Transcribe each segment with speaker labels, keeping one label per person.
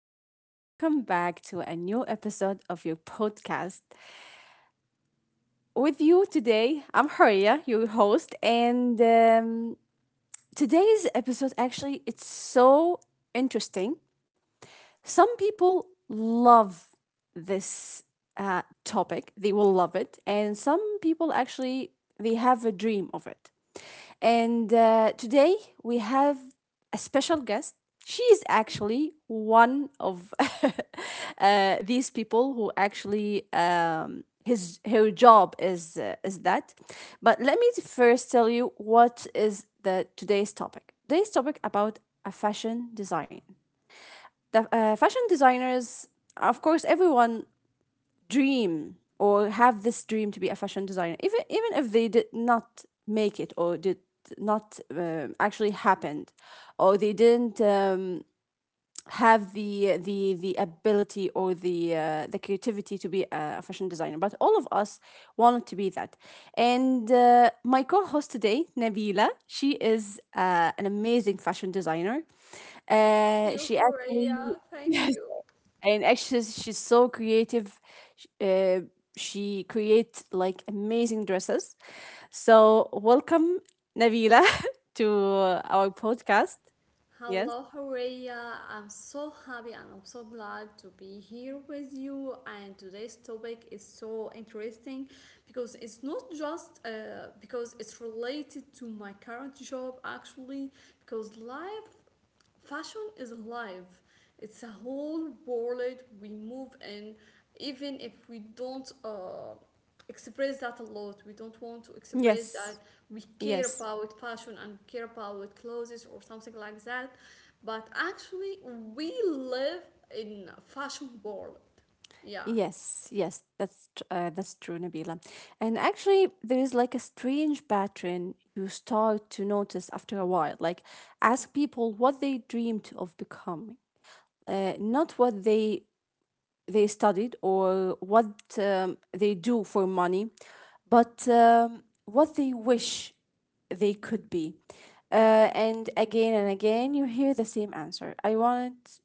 Speaker 1: and welcome back to a new episode of your podcast. With you today, I'm Horia, your host, and today's episode actually it's so interesting. Some people love this topic, they will love it, and some people actually they have a dream of it. And today we have a special guest. She is actually one of these people who actually his her job is that. But let me first tell you what is the today's topic. Today's topic about a fashion design the fashion designers, of course, everyone dream or have this dream to be a fashion designer, even if they did not make it or did not actually happened, or they didn't have the ability or the creativity to be a fashion designer. But all of us wanted to be that. And my co-host today, Nabila, she is an amazing fashion designer.
Speaker 2: Thank you,
Speaker 1: She actually
Speaker 2: Horea. Thank you.
Speaker 1: and actually she's so creative. Sh- uh, she creates like amazing dresses, so welcome Nabila to our podcast. Yes.
Speaker 2: Hello, Horea. I'm so happy and I'm so glad to be here with you. And today's topic is so interesting because it's not just because it's related to my current job, actually, because life Fashion is alive. It's a whole world we move in, even if we don't express that a lot. We don't want to express that
Speaker 1: yes
Speaker 2: we care
Speaker 1: yes
Speaker 2: about fashion and care about clothes or something like that. But actually, we live in a fashion world. Yeah.
Speaker 1: yes yes that's true, Nabila. And actually there is like a strange pattern you start to notice after a while, like ask people what they dreamed of becoming, not what they studied or what they do for money, but what they wish they could be. And again, you hear the same answer. I want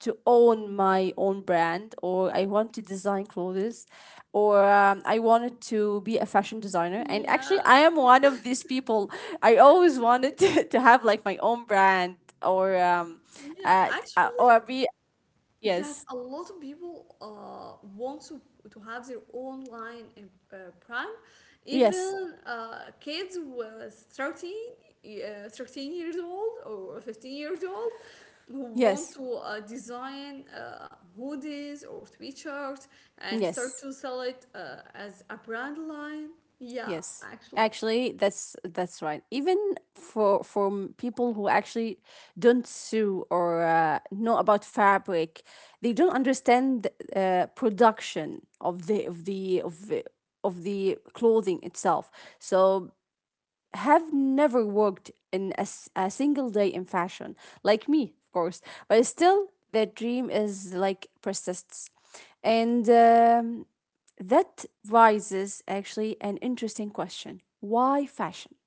Speaker 1: to own my own brand, or I want to design clothes, or I wanted to be a fashion designer. And actually, I
Speaker 2: Yeah.
Speaker 1: am one of these people. I always wanted to, to have like my own brand, or um,
Speaker 2: Yeah. Actually,
Speaker 1: or be yes,
Speaker 2: yes, a lot of people want to, have their own line in Prime.
Speaker 1: yes,
Speaker 2: Even kids with 13, 13 years old or 15 years old who want
Speaker 1: yes.
Speaker 2: to design hoodies or sweatshirts and start
Speaker 1: Yes,
Speaker 2: to sell it as a brand line. Yeah,
Speaker 1: yes.
Speaker 2: actually.
Speaker 1: Actually, that's right. Even for people who actually don't sew or know about fabric, they don't understand production of the clothing itself. So have never worked in a single day in fashion, like me, of course. But still, the dream is like persists, and that raises actually an interesting question. Why fashion?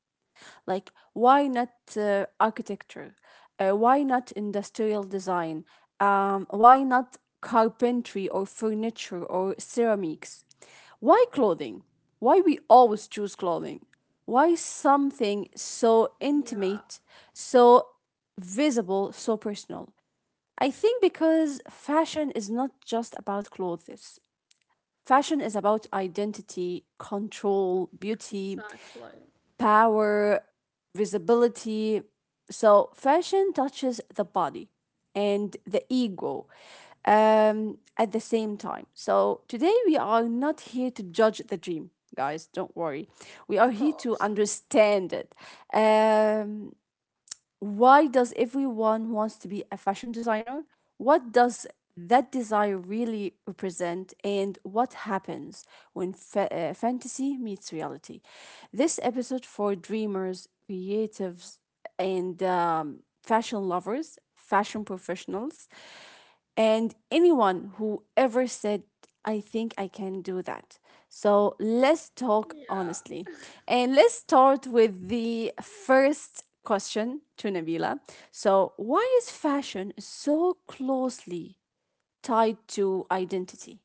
Speaker 1: Like, why not architecture? Why not industrial design? Why not carpentry or furniture or ceramics? Why clothing? Why we always choose clothing? Why something so
Speaker 2: Yeah,
Speaker 1: intimate, so visible, so personal? I think because fashion is not just about clothes. Fashion is about identity, control, beauty,
Speaker 2: exactly.
Speaker 1: power, visibility. So, fashion touches the body and the ego at the same time. So, today we are not here to judge the dream, guys, don't worry. We are
Speaker 2: Of
Speaker 1: here to
Speaker 2: course.
Speaker 1: understand it. Um, why does everyone wants to be a fashion designer, what does that desire really represent, and what happens when fantasy meets reality? This episode for dreamers, creatives, and fashion lovers, fashion professionals, and anyone who ever said, I think I can do that. So let's talk
Speaker 2: Yeah.
Speaker 1: honestly. And let's start with the first question to Nabila. So, why is fashion so closely tied to identity?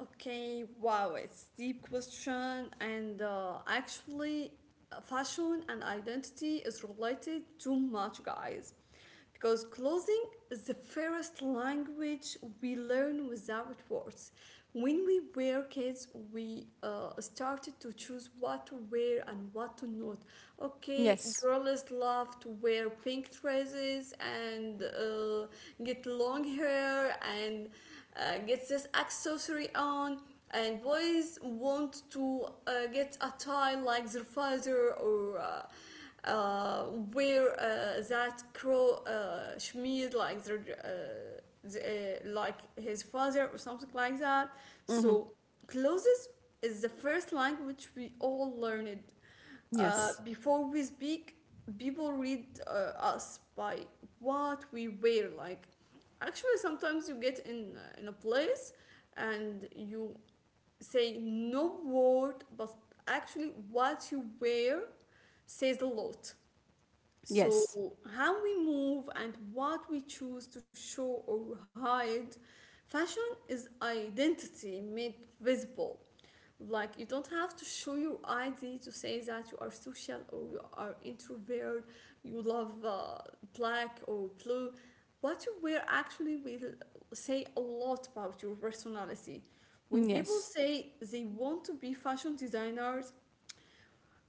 Speaker 2: Okay, wow, it's deep question, and actually, fashion and identity is related too much, guys, because clothing is the first language we learn without words. When we were kids, we started to choose what to wear and what to not. Okay,
Speaker 1: Yes.
Speaker 2: girls love to wear pink dresses and get long hair and gets this accessory on, and boys want to get a tie like their father or wear that crow shmeed like their uh, the, like his father or something like that.
Speaker 1: Mm-hmm.
Speaker 2: So clothes is the first language we all learned
Speaker 1: Yes.
Speaker 2: before we speak. People read us by what we wear. Like, actually, sometimes you get in a place and you say no word, but actually, what you wear says a lot. So,
Speaker 1: Yes.
Speaker 2: how we move and what we choose to show or hide, fashion is identity made visible. Like, you don't have to show your ID to say that you are social or you are introvert, you love black or blue. What you wear actually will say a lot about your personality. When people
Speaker 1: Yes.
Speaker 2: say they want to be fashion designers,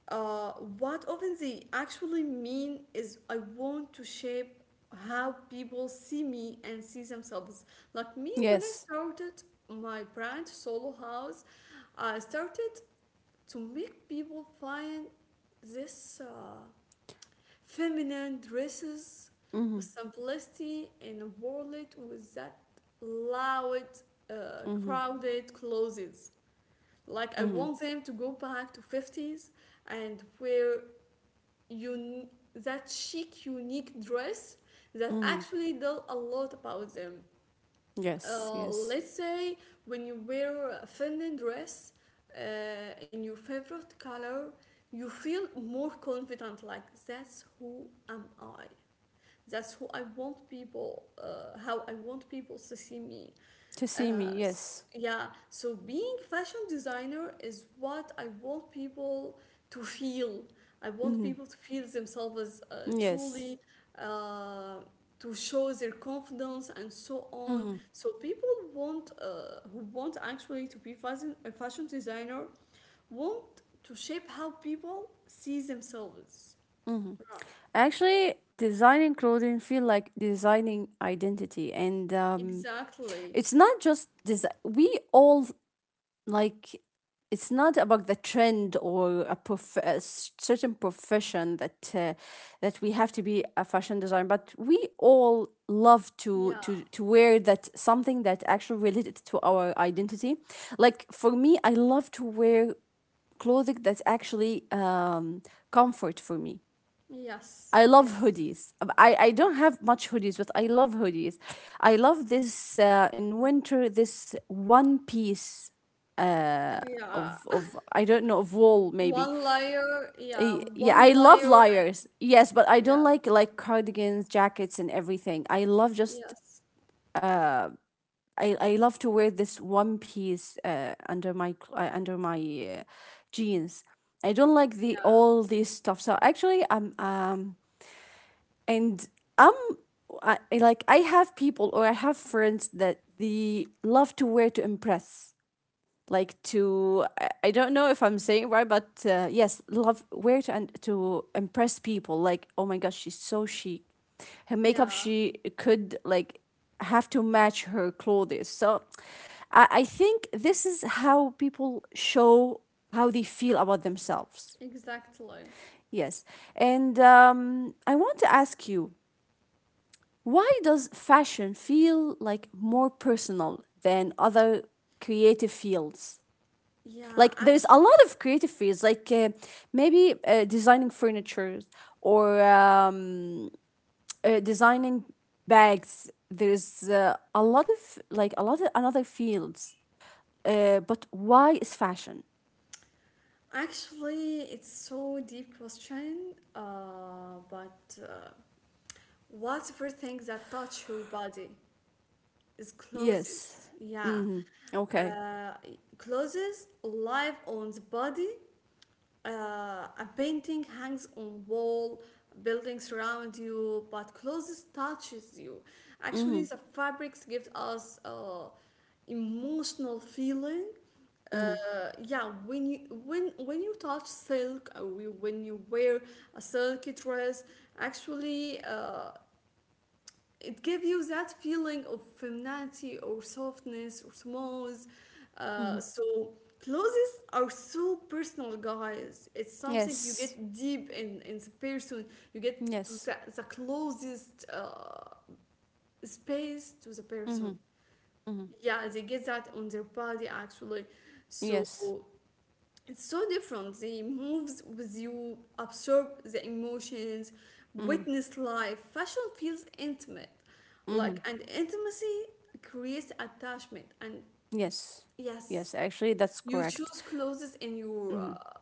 Speaker 2: uh, what often they actually mean is I want to shape how people see me and see themselves. Like me, when I
Speaker 1: Yes.
Speaker 2: started my brand Solo House, I started to make people find this feminine dresses
Speaker 1: Mm-hmm.
Speaker 2: with simplicity in a world with that loud,
Speaker 1: Mm-hmm.
Speaker 2: crowded clothes. Like I
Speaker 1: Mm-hmm.
Speaker 2: want them to go back to 50s and wear un- that chic, unique dress that
Speaker 1: Mm-hmm.
Speaker 2: actually tell a lot about them.
Speaker 1: Yes. Yes.
Speaker 2: Let's say when you wear a feminine dress in your favorite color, you feel more confident. Like that's who am I. That's who I want people. How I want people to see me.
Speaker 1: To see me. Yes.
Speaker 2: Yeah, so being fashion designer is what I want people to feel. I want
Speaker 1: Mm-hmm.
Speaker 2: people to feel themselves
Speaker 1: Yes.
Speaker 2: truly, uh, to show their confidence and so on.
Speaker 1: Mm-hmm.
Speaker 2: So people want who want actually to be a fashion designer want to shape how people see themselves. Right.
Speaker 1: Actually, designing clothing feel like designing identity, and
Speaker 2: Exactly.
Speaker 1: it's not just design. We all like. It's not about the trend or a, prof- a s- certain profession that that we have to be a fashion designer, but we all love to
Speaker 2: Yeah.
Speaker 1: to wear that something that actually related to our identity. Like for me, I love to wear clothing that's actually comfort for me.
Speaker 2: Yes.
Speaker 1: I
Speaker 2: Yes.
Speaker 1: love hoodies. I don't have much hoodies, but I love hoodies. I love this in winter, this one piece uh,
Speaker 2: Yeah.
Speaker 1: of, I don't know, of wool
Speaker 2: One
Speaker 1: maybe.
Speaker 2: layer, yeah, one
Speaker 1: Yeah, I love
Speaker 2: layer, and
Speaker 1: layers. Yes, but I
Speaker 2: yeah,
Speaker 1: don't like cardigans, jackets, and everything. I love just.
Speaker 2: yes,
Speaker 1: I love to wear this one piece under my uh, jeans. I don't like the
Speaker 2: yeah,
Speaker 1: all this stuff. So actually, I'm and I'm I like I have people or I have friends that they love to wear to impress. Like to I don't know if I'm saying it right, but yes, love wear to and to impress people. Like oh my gosh, she's so chic. Her makeup
Speaker 2: yeah,
Speaker 1: she could like have to match her clothes. So I think this is how people show how they feel about themselves.
Speaker 2: exactly.
Speaker 1: Yes, and I want to ask you, why does fashion feel like more personal than other creative fields?
Speaker 2: Yeah,
Speaker 1: Like there's a lot of creative fields, like maybe designing furniture or designing bags. There's a lot of like a lot of another fields. But why is fashion?
Speaker 2: actually, it's so deep question. But what's for things that touch your body is clothes.
Speaker 1: Yes.
Speaker 2: Yeah,
Speaker 1: Mm-hmm. Okay.
Speaker 2: uh, clothes, life on the body. A painting hangs on wall, buildings surround you, but closest touches you. Actually,
Speaker 1: Mm-hmm.
Speaker 2: the fabrics give us emotional feeling.
Speaker 1: Mm-hmm.
Speaker 2: Uh, yeah, when you when you touch silk or when you wear a silky dress, actually. It gives you that feeling of femininity or softness or smooth.
Speaker 1: Mm-hmm.
Speaker 2: So clothes are so personal, guys. It's something you
Speaker 1: Yes.
Speaker 2: get deep in the person. You get to
Speaker 1: Yes.
Speaker 2: the closest space to the
Speaker 1: Mm-hmm.
Speaker 2: person.
Speaker 1: Mm-hmm.
Speaker 2: Yeah, they get that on their body actually. So
Speaker 1: Yes.
Speaker 2: it's so different, they moves with you, absorb the emotions,
Speaker 1: Mm-hmm.
Speaker 2: witness life. Fashion feels intimate,
Speaker 1: Mm-hmm.
Speaker 2: like, and intimacy creates attachment and,
Speaker 1: Yes. Yes,
Speaker 2: yes,
Speaker 1: actually, that's
Speaker 2: you
Speaker 1: correct.
Speaker 2: choose clothes in your
Speaker 1: Hmm.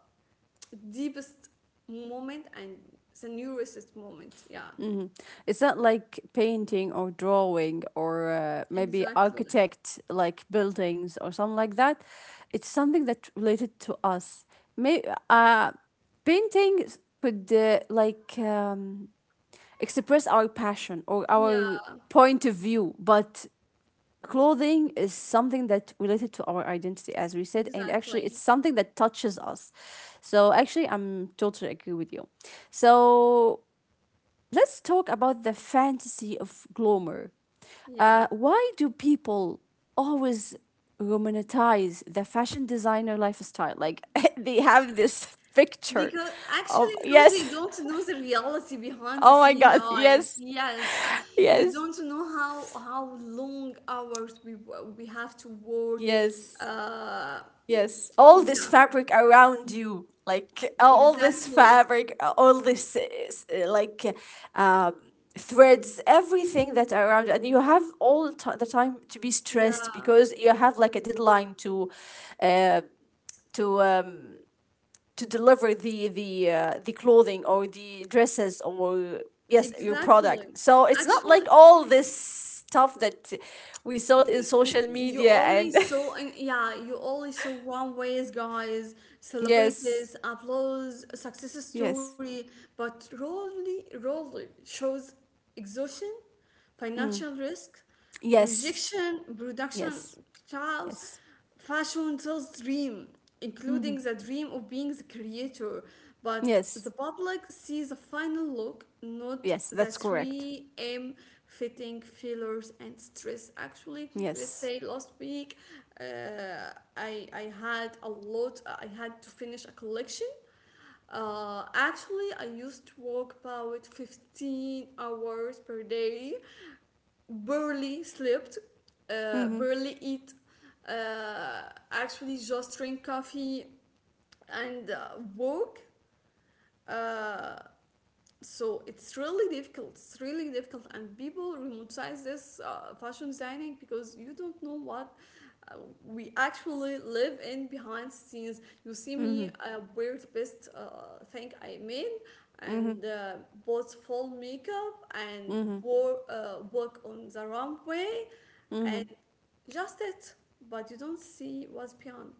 Speaker 2: deepest moment and the newest moment. Yeah.
Speaker 1: Hmm. It's not like painting or drawing or maybe
Speaker 2: Exactly.
Speaker 1: architect like buildings or something like that. It's something that related to us. May uh, painting could like express our passion or our
Speaker 2: Yeah.
Speaker 1: point of view, but clothing is something that related to our identity as we said, and actually it's
Speaker 2: Exactly.
Speaker 1: something that touches us. So actually I'm totally agree with you. So let's talk about the fantasy of glamour.
Speaker 2: Yeah.
Speaker 1: Why do people always romanticize the fashion designer lifestyle, like they have this picture
Speaker 2: Because actually,
Speaker 1: of
Speaker 2: because they
Speaker 1: yes
Speaker 2: don't know the reality behind the
Speaker 1: oh my
Speaker 2: scene,
Speaker 1: god,
Speaker 2: guys.
Speaker 1: yes,
Speaker 2: Yes, you
Speaker 1: yes,
Speaker 2: don't know how long hours we we have to work.
Speaker 1: yes.
Speaker 2: Uh,
Speaker 1: Yes, all this
Speaker 2: yeah,
Speaker 1: fabric around you, like all this
Speaker 2: exactly.
Speaker 1: fabric, all this s- like uh, um, threads, everything that around, you. And you have all the time to be stressed
Speaker 2: Yeah,
Speaker 1: because you have like a deadline to, uh, to um, to deliver the clothing or the dresses or yes your
Speaker 2: exactly.
Speaker 1: product. So it's not like
Speaker 2: Actually,
Speaker 1: all this stuff that we saw it in social media and
Speaker 2: you only saw one ways, guys.
Speaker 1: yes,
Speaker 2: Celebrities applause success
Speaker 1: yes.
Speaker 2: story, but rarely shows exhaustion,
Speaker 1: Mm.
Speaker 2: financial risk,
Speaker 1: Yes.
Speaker 2: rejection, production
Speaker 1: Yes.
Speaker 2: chaos.
Speaker 1: Yes.
Speaker 2: Fashion tells dream,
Speaker 1: Mm-hmm.
Speaker 2: including the dream of being the creator, but the
Speaker 1: Yes.
Speaker 2: public sees the final look, not
Speaker 1: Yes.
Speaker 2: the
Speaker 1: That's correct.
Speaker 2: 3M fitting failures and stress. Actually, let's
Speaker 1: Yes.
Speaker 2: say last week, uh, I had a lot. I had to finish a collection. Actually, I used to work about 15 hours per day, barely slept,
Speaker 1: Mm-hmm.
Speaker 2: barely eat, uh, actually just drink coffee and walk. Uh, so it's really difficult, and people romanticize this fashion designing because you don't know what uh, we actually live in behind scenes. You see me
Speaker 1: Mm-hmm.
Speaker 2: wear the best thing I made and
Speaker 1: Mm-hmm.
Speaker 2: bought full makeup and
Speaker 1: Mm-hmm.
Speaker 2: wore, walk on the runway,
Speaker 1: Mm-hmm.
Speaker 2: and just it, but you don't see what's beyond.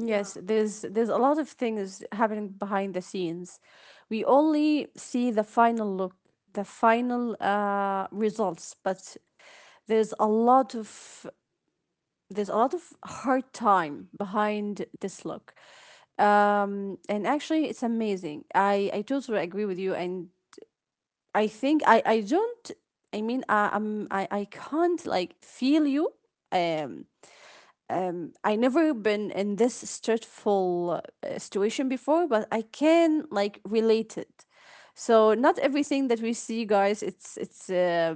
Speaker 2: Yeah.
Speaker 1: There's a lot of things happening behind the scenes. We only see the final look, the final results, but there's a lot of, there's a lot of hard time behind this look. And actually it's amazing, I totally agree with you. And I think I don't, I mean I I'm, I can't like feel you. Um, I never been in this stressful situation before, but I can like relate it. So not everything that we see, guys,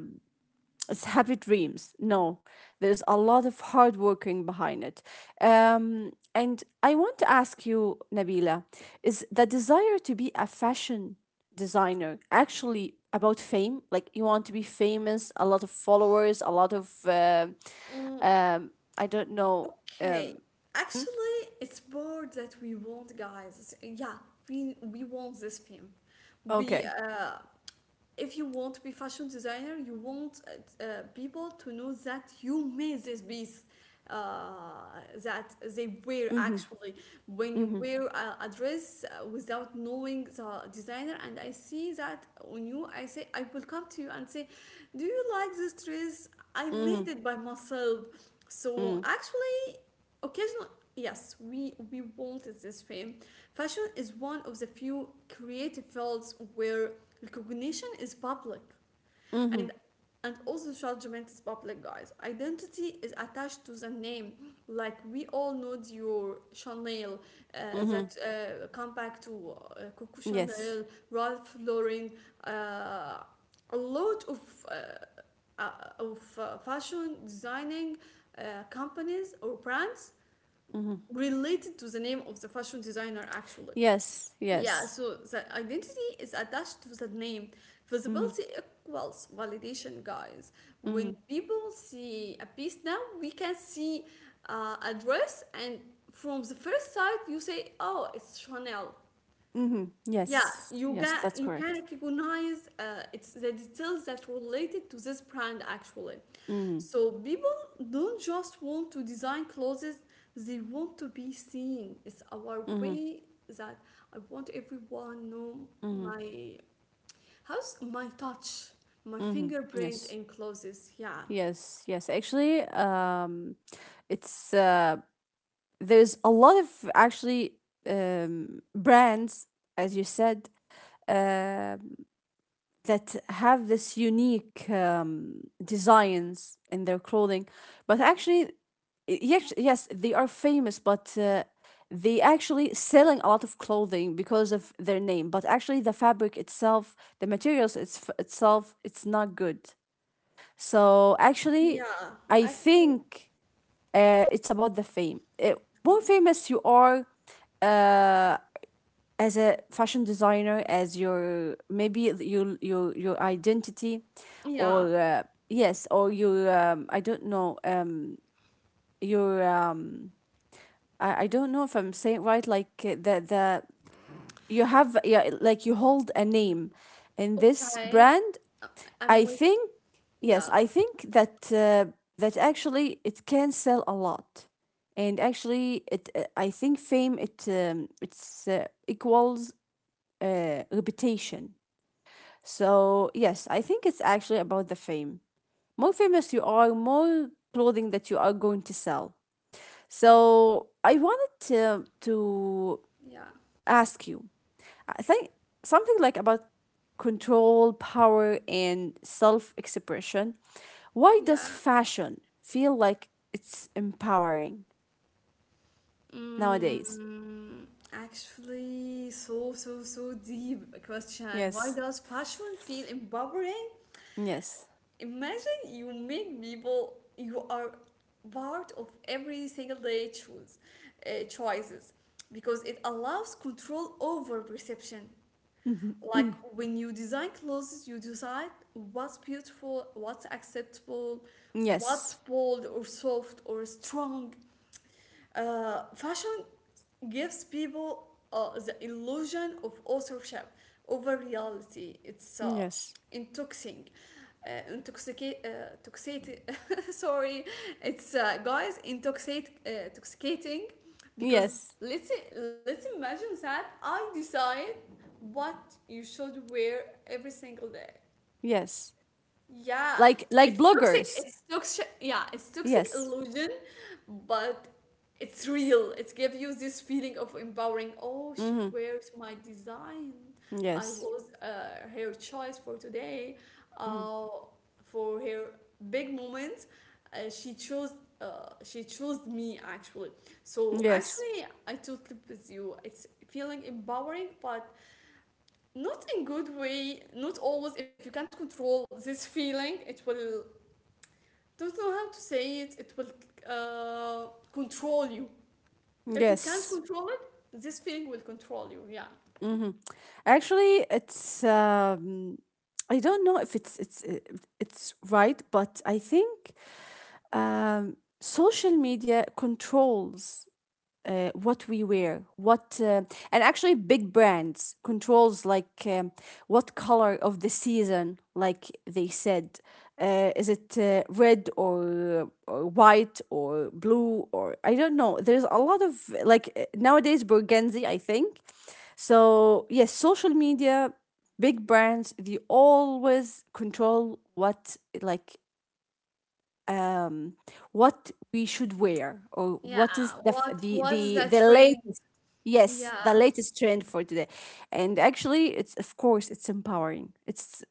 Speaker 1: it's happy dreams. No, there's a lot of hard working behind it. And I want to ask you, Nabila, is the desire to be a fashion designer actually about fame? Like you want to be famous, a lot of followers, a lot of,
Speaker 2: Mm,
Speaker 1: um, I don't know.
Speaker 2: Okay, actually, it's more that we want, guys. Yeah, we want this fame. We
Speaker 1: Okay.
Speaker 2: If you want to be fashion designer, you want people to know that you made this piece uh, that they wear,
Speaker 1: Mm-hmm,
Speaker 2: actually. When you
Speaker 1: mm-hmm,
Speaker 2: wear a dress without knowing the designer, and I see that on you, I say I will come to you and say, do you like this dress? I
Speaker 1: mm-hmm,
Speaker 2: made it by myself.
Speaker 1: mm,
Speaker 2: So actually, occasionally, yes, we wanted this fame. Fashion is one of the few creative fields where recognition is public,
Speaker 1: mm-hmm,
Speaker 2: and and also judgment is public, guys. Identity is attached to the name. Like we all know your Chanel, uh,
Speaker 1: mm-hmm.
Speaker 2: that come back to Coco
Speaker 1: Yes.
Speaker 2: Chanel, Ralph Lauren, uh, a lot uh, uh, of fashion designing uh, companies or brands
Speaker 1: Mm-hmm.
Speaker 2: related to the name of the fashion designer, actually.
Speaker 1: Yes.
Speaker 2: Yeah,
Speaker 1: Yes.
Speaker 2: so the identity is attached to the name.
Speaker 1: Mm-hmm.
Speaker 2: Visibility equals validation, guys. When
Speaker 1: Mm-hmm.
Speaker 2: people see a piece now, we can see a dress, and from the first sight, you say, "Oh, it's Chanel."
Speaker 1: Mm-hmm.
Speaker 2: Yeah,
Speaker 1: Yes. Yes. That's
Speaker 2: you can
Speaker 1: correct.
Speaker 2: recognize it's the details that related to this brand, actually.
Speaker 1: Mhm,
Speaker 2: So people don't just want to design clothes, they want to be seen. It's our
Speaker 1: mhm,
Speaker 2: way that I want everyone know
Speaker 1: mhm,
Speaker 2: my, how's my touch, my
Speaker 1: mhm.
Speaker 2: fingerprint
Speaker 1: Yes,
Speaker 2: in clothes. Yeah.
Speaker 1: yes, yes. Actually, it's there's a lot of actually brands, as you said. Uh. That have this unique designs in their clothing, but actually yes, yes they are famous, but they actually selling a lot of clothing because of their name, but actually the fabric itself, the materials it's itself, it's not good. So actually
Speaker 2: Yeah,
Speaker 1: I
Speaker 2: actually.
Speaker 1: think it's about the fame. More famous you are uh, as a fashion designer as your maybe your identity
Speaker 2: Yeah.
Speaker 1: or yes or your I don't know your I don't know if I'm saying it right like the you have yeah, like you hold a name in this
Speaker 2: Okay,
Speaker 1: brand.
Speaker 2: I'm
Speaker 1: I
Speaker 2: with
Speaker 1: think
Speaker 2: yeah,
Speaker 1: yes, I think that that actually it can sell a lot, and actually it I think fame it it's equals reputation. So, yes, I think it's actually about the fame. More famous you are, more clothing that you are going to sell. So, I wanted to
Speaker 2: yeah,
Speaker 1: ask you, I think something like about control, power, and self expression. Why does
Speaker 2: yeah.
Speaker 1: fashion feel like it's empowering nowadays?
Speaker 2: Mm, Actually, so so so deep question. Why
Speaker 1: Yes.
Speaker 2: does fashion feel empowering?
Speaker 1: Yes.
Speaker 2: Imagine you make people, you are part of every single day choose choices, because it allows control over perception.
Speaker 1: Mhm.
Speaker 2: Like when you design clothes, you decide what's beautiful, what's acceptable, what's
Speaker 1: Yes.
Speaker 2: bold or soft or strong. Fashion gives people the illusion of authorship over reality. It's
Speaker 1: Yes.
Speaker 2: intoxicating. Intoxicate, toxicate, sorry, it's guys, intoxicate, intoxicating, because
Speaker 1: Yes.
Speaker 2: let's imagine that I decide what you should wear every single day.
Speaker 1: Yes.
Speaker 2: Yeah,
Speaker 1: Like
Speaker 2: it's toxic.
Speaker 1: bloggers.
Speaker 2: It's toxic. Yeah, it's toxic
Speaker 1: Yes.
Speaker 2: illusion, but it's real. It gives you this feeling of empowering. Oh, she
Speaker 1: Mm-hmm.
Speaker 2: wears my design. I
Speaker 1: Yes.
Speaker 2: was her choice for today.
Speaker 1: Mm-hmm.
Speaker 2: Uh, for her big moment, she chose. She chose me, actually. So
Speaker 1: Yes.
Speaker 2: actually, I totally with you. It's feeling empowering, but not in good way, not always. If you can't control this feeling, it will, don't know how to say it, it will control you. If you can't
Speaker 1: Yes.
Speaker 2: control it, this feeling will control you. Yeah.
Speaker 1: Mm-hmm. Actually, it's I don't know if it's right, but I think social media controls what we wear, what and actually big brands controls, like, what color of the season, like they said, is it red, or white or blue or I don't know. There's a lot of, like, nowadays burgundy, I think. So yes, social media, big brands, they always control what, like, um, what we should wear or what is
Speaker 2: Yeah,
Speaker 1: the f-
Speaker 2: what
Speaker 1: the
Speaker 2: was
Speaker 1: the,
Speaker 2: that
Speaker 1: the
Speaker 2: trend?
Speaker 1: latest. Yes,
Speaker 2: Yeah.
Speaker 1: the latest trend for today. And actually, it's, of course, it's empowering. It's,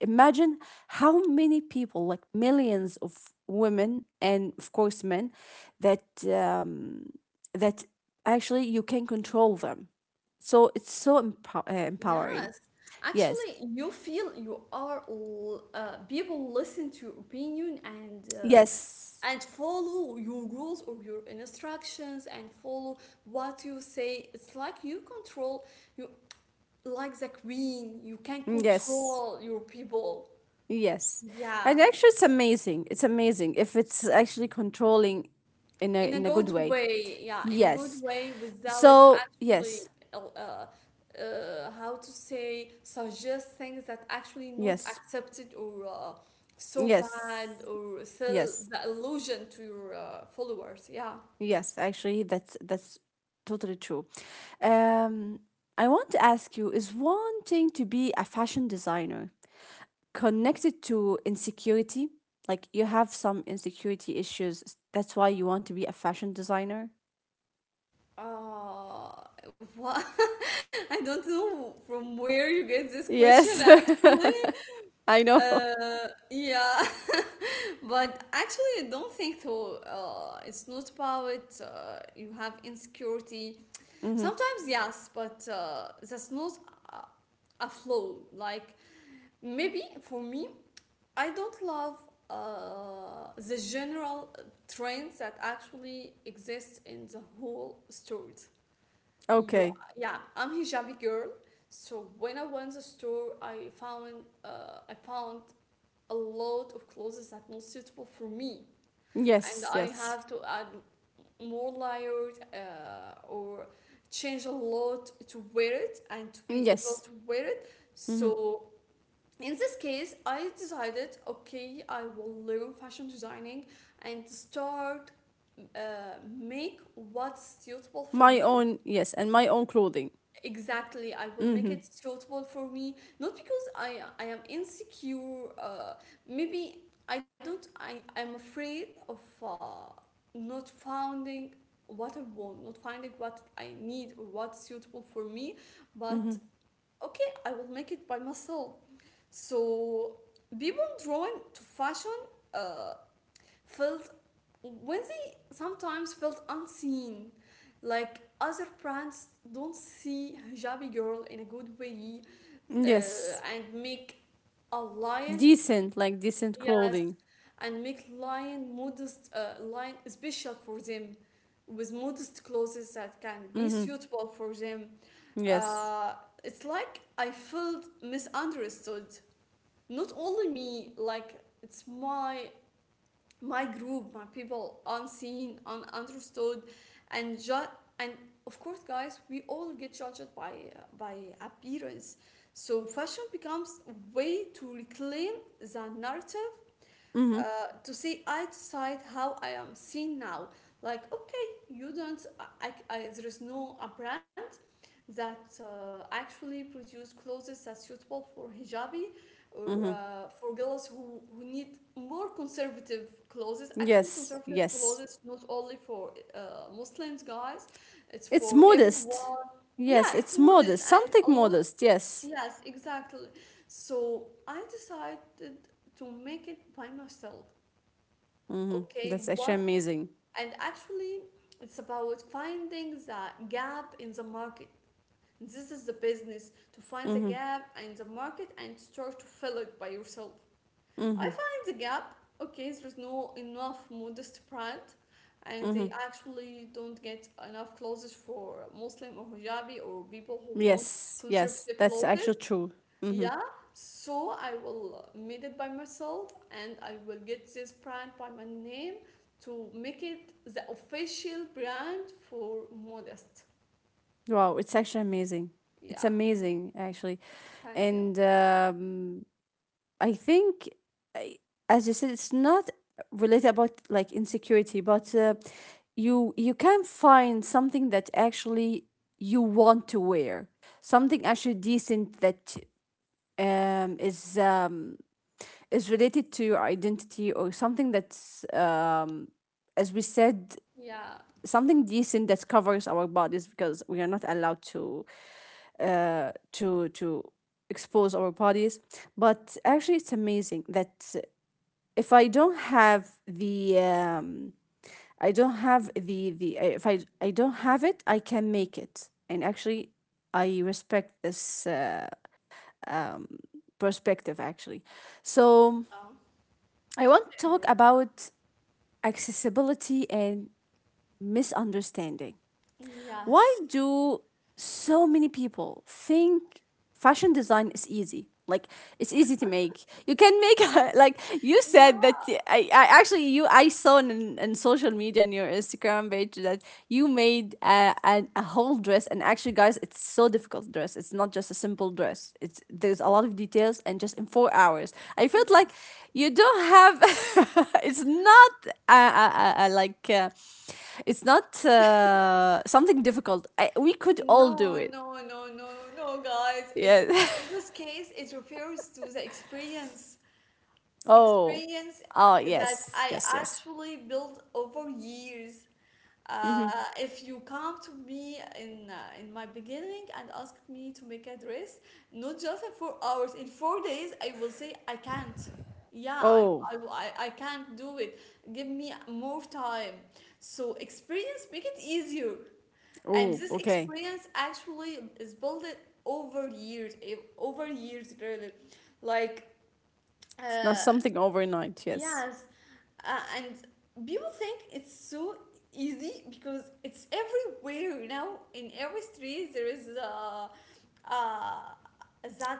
Speaker 1: imagine how many people, like millions of women, and of course men, that um, that actually you can control them. So it's so empowering.
Speaker 2: Yes,
Speaker 1: Yes,
Speaker 2: actually, you feel people listen to your opinion
Speaker 1: yes,
Speaker 2: and follow your rules or your instructions and follow what you say. It's like you control you, like the queen. You can
Speaker 1: yes.
Speaker 2: control your people.
Speaker 1: Yes. And
Speaker 2: Yeah.
Speaker 1: actually, it's amazing. It's amazing if it's actually controlling in a
Speaker 2: In a
Speaker 1: good
Speaker 2: good
Speaker 1: way.
Speaker 2: way, yeah, in a good
Speaker 1: Yes.
Speaker 2: way, without
Speaker 1: So
Speaker 2: actually
Speaker 1: yes.
Speaker 2: uh, uh, how to say suggest things that actually not
Speaker 1: Yes.
Speaker 2: accepted or so
Speaker 1: Yes.
Speaker 2: bad or sell
Speaker 1: Yes.
Speaker 2: the illusion to your followers. Yeah.
Speaker 1: Yes. Actually, that's totally true. Um I want to ask you, is wanting to be a fashion designer connected to insecurity? Like, you have some insecurity issues, that's why you want to be a fashion designer?
Speaker 2: uh, what? I don't know from where you get this question,
Speaker 1: Yes.
Speaker 2: actually.
Speaker 1: I know.
Speaker 2: Yeah. But actually, I don't think though, it's not about you have insecurity.
Speaker 1: Mm-hmm.
Speaker 2: Sometimes, yes, but that's not a, a flaw. Like, maybe for me, I don't love the general trend that actually exists in the whole store. You,
Speaker 1: Okay.
Speaker 2: yeah, I'm hijabi girl. So when I went to the store, I found a lot of clothes that not suitable for me and
Speaker 1: Yes,
Speaker 2: I
Speaker 1: yes.
Speaker 2: have to add more layers or change a lot to wear it and to be able
Speaker 1: Yes.
Speaker 2: to wear it.
Speaker 1: Mm-hmm.
Speaker 2: So in this case, I decided okay, I will learn fashion designing and start make what's suitable for
Speaker 1: My
Speaker 2: me.
Speaker 1: own, yes, and my own clothing.
Speaker 2: Exactly, I will make
Speaker 1: Mm-hmm.
Speaker 2: it suitable for me, not because I am insecure. Maybe I don't. I'm afraid of not finding what I want, not finding what I need or what's suitable for me. But
Speaker 1: Mm-hmm.
Speaker 2: okay, I will make it by myself. So people drawn to fashion. Uh, felt Wednesday sometimes felt unseen. Like other brands don't see hijabi girl in a good way
Speaker 1: Yes.
Speaker 2: and make a lion,
Speaker 1: Decent, like decent
Speaker 2: yes,
Speaker 1: clothing.
Speaker 2: and make lion modest, lion special for them with modest clothes that can be
Speaker 1: Mm-hmm.
Speaker 2: suitable for them.
Speaker 1: Yes.
Speaker 2: Uh, it's like I felt misunderstood. Not only me, like it's my group, my people, unseen, ununderstood, and ju- and of course, guys, we all get judged by appearance. So fashion becomes a way to reclaim the narrative, uh,
Speaker 1: Mm-hmm.
Speaker 2: to see eye to side how I am seen now. Like, okay, you don't, there is no a brand that actually produce clothes that's suitable for hijabi or
Speaker 1: Mm-hmm.
Speaker 2: for girls who need more conservative clothes. Actually,
Speaker 1: Yes,
Speaker 2: conservative
Speaker 1: yes.
Speaker 2: clothes not only for Muslims guys, it's
Speaker 1: It's
Speaker 2: for
Speaker 1: modest.
Speaker 2: everyone.
Speaker 1: Yes,
Speaker 2: Yeah, it's
Speaker 1: it's
Speaker 2: modest
Speaker 1: modest.
Speaker 2: and
Speaker 1: Something
Speaker 2: a lot.
Speaker 1: modest, yes.
Speaker 2: Yes, exactly. So I decided to make it by myself.
Speaker 1: Mm-hmm.
Speaker 2: Okay,
Speaker 1: That's actually
Speaker 2: what?
Speaker 1: amazing.
Speaker 2: And actually, it's about finding the gap in the market. This is the business to find the
Speaker 1: Mm-hmm.
Speaker 2: gap in the market and start to fill it by yourself. I
Speaker 1: Mm-hmm.
Speaker 2: find the gap. Okay, there's no enough modest brand, and they
Speaker 1: Mm-hmm.
Speaker 2: actually don't get enough clothes for Muslim or hijabi or people who want
Speaker 1: Yes, yes.
Speaker 2: conservative
Speaker 1: That's
Speaker 2: clothes.
Speaker 1: actually true. Mm-hmm.
Speaker 2: Yeah, so I will made it by myself and I will get this brand by my name to make it the official brand for modest.
Speaker 1: Wow, it's actually amazing. It's
Speaker 2: Yeah,
Speaker 1: amazing, actually.
Speaker 2: thank you.
Speaker 1: And I think, as you said, it's not related about, like, insecurity, but you can find something that actually you want to wear, something actually decent that um, is um, is related to your identity or something that's, as we said,
Speaker 2: Yeah,
Speaker 1: something decent that covers our bodies because we are not allowed to expose our bodies. But actually, it's amazing that if I don't have the, I don't have the, if I don't have it, I can make it. And actually, I respect this perspective, actually. So
Speaker 2: um,
Speaker 1: I want
Speaker 2: totally
Speaker 1: to talk
Speaker 2: agree.
Speaker 1: about accessibility and misunderstanding. Why
Speaker 2: Yes.
Speaker 1: do so many people think fashion design is easy? Like, it's easy to make. You can make like you
Speaker 2: You know
Speaker 1: said that
Speaker 2: what?
Speaker 1: I actually, you I saw in social media on your Instagram page that you made a whole dress, and actually, guys, it's so difficult to dress. It's not just a simple dress. It's there's a lot of details, and just in 4 hours, I felt like
Speaker 2: Yes.
Speaker 1: you don't have. It's not uh, uh, uh, uh, like uh, it's not something difficult. I, we could all do
Speaker 2: No,
Speaker 1: it.
Speaker 2: no, no, no, no, guys. It's
Speaker 1: Yeah.
Speaker 2: in this case, it refers to the experience
Speaker 1: Oh.
Speaker 2: experience
Speaker 1: Oh
Speaker 2: that
Speaker 1: yes.
Speaker 2: I
Speaker 1: Yes. Yes.
Speaker 2: actually built over years. Uh, if you come to me in my beginning and ask me to make a dress, not just in 4 hours, in 4 days, I will say I can't. Yeah, I,
Speaker 1: Oh.
Speaker 2: I, I I can't do it. Give me more time. So experience make it easier. And
Speaker 1: Oh.
Speaker 2: this
Speaker 1: Okay.
Speaker 2: experience actually is built over years, eh, over years really. Like,
Speaker 1: It's not
Speaker 2: uh,
Speaker 1: something overnight. Yes.
Speaker 2: yes, and people think it's so easy because it's everywhere, you know. In every street, there is a, uh,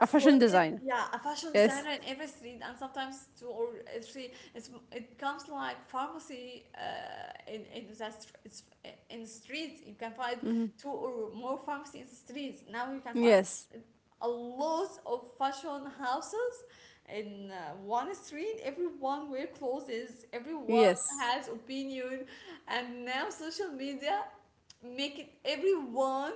Speaker 1: A fashion
Speaker 2: slogan.
Speaker 1: designer.
Speaker 2: Yeah, a fashion
Speaker 1: Yes.
Speaker 2: designer in every street, and sometimes two or three. It's it comes like pharmacy. In that it's in streets you can find
Speaker 1: Hmm.
Speaker 2: two or more pharmacies. In the streets. Now you can find
Speaker 1: Yes.
Speaker 2: a lot of fashion houses in one street, everyone wear clothes, everyone
Speaker 1: Yes.
Speaker 2: has opinion, and now social media make it everyone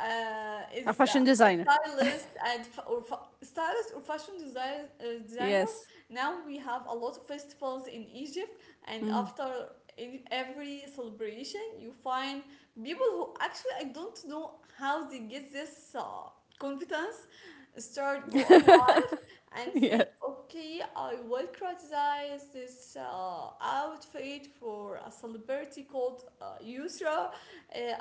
Speaker 2: uh,
Speaker 1: A
Speaker 2: is
Speaker 1: fashion
Speaker 2: uh, a
Speaker 1: designer.
Speaker 2: stylist and stylist or fashion design, designer.
Speaker 1: Yes.
Speaker 2: Now we have a lot of festivals in Egypt, and
Speaker 1: Mhm.
Speaker 2: after in every celebration, you find people who actually I don't know how they get this confidence. Start go on live and say,
Speaker 1: Yes.
Speaker 2: okay, I will criticize this outfit for a celebrity called Yusra,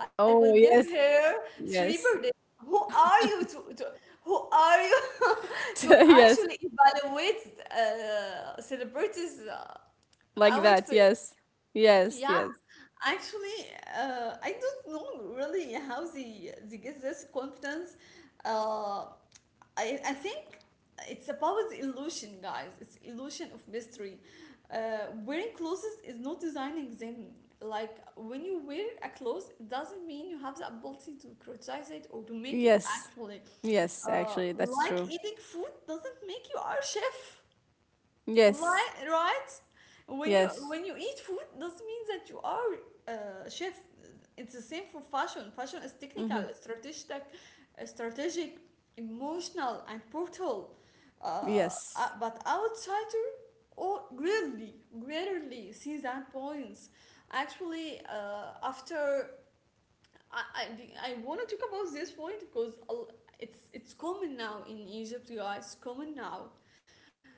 Speaker 2: I will
Speaker 1: Oh,
Speaker 2: give
Speaker 1: yes.
Speaker 2: her three
Speaker 1: Yes.
Speaker 2: birthdays. Who are you to who are you to
Speaker 1: Yes.
Speaker 2: actually evaluate celebrities'
Speaker 1: Like that.
Speaker 2: outfits?
Speaker 1: Yes. Yes.
Speaker 2: Yeah,
Speaker 1: Yes.
Speaker 2: actually, I don't know really how they get this confidence. Uh, I think it's about the illusion, guys. It's illusion of mystery. Wearing clothes is not designing them. Like when you wear a clothes, it doesn't mean you have the ability to criticize it or to make it
Speaker 1: Yes.
Speaker 2: actually.
Speaker 1: Yes. Actually, that's
Speaker 2: Like
Speaker 1: true.
Speaker 2: eating food doesn't make you our chef.
Speaker 1: Yes.
Speaker 2: Like, right?
Speaker 1: Yes.
Speaker 2: When you eat food doesn't mean that you are a chef. It's the same for fashion. Fashion is technical,
Speaker 1: Hmm.
Speaker 2: strategic, emotional, and brutal. Uh,
Speaker 1: Yes.
Speaker 2: but outsider or rarely, rarely see that points. Actually, after I, I, I want to talk about this point because it's common now in Egypt, guys. Common now,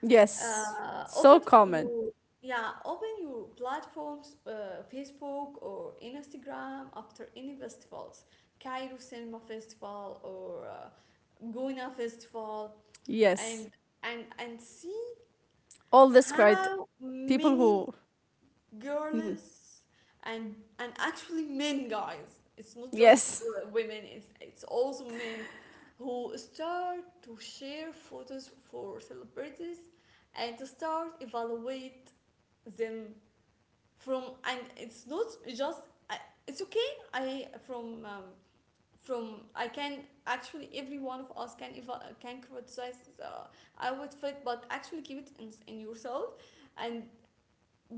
Speaker 1: Yes.
Speaker 2: open
Speaker 1: So
Speaker 2: your,
Speaker 1: common.
Speaker 2: yeah, open your platforms, Facebook or Instagram after any festivals, Cairo Cinema Festival or Guna Festival, and
Speaker 1: Yes.
Speaker 2: and see
Speaker 1: All this
Speaker 2: how
Speaker 1: cried people
Speaker 2: many
Speaker 1: who. Mhm.
Speaker 2: girls and actually men, guys, it's not just
Speaker 1: Yes.
Speaker 2: women, it's also men who start to share photos for celebrities and to start evaluate them from and it's not just I- it's okay, I from I can actually every one of us can can criticize the outfit, but actually keep it in yourself and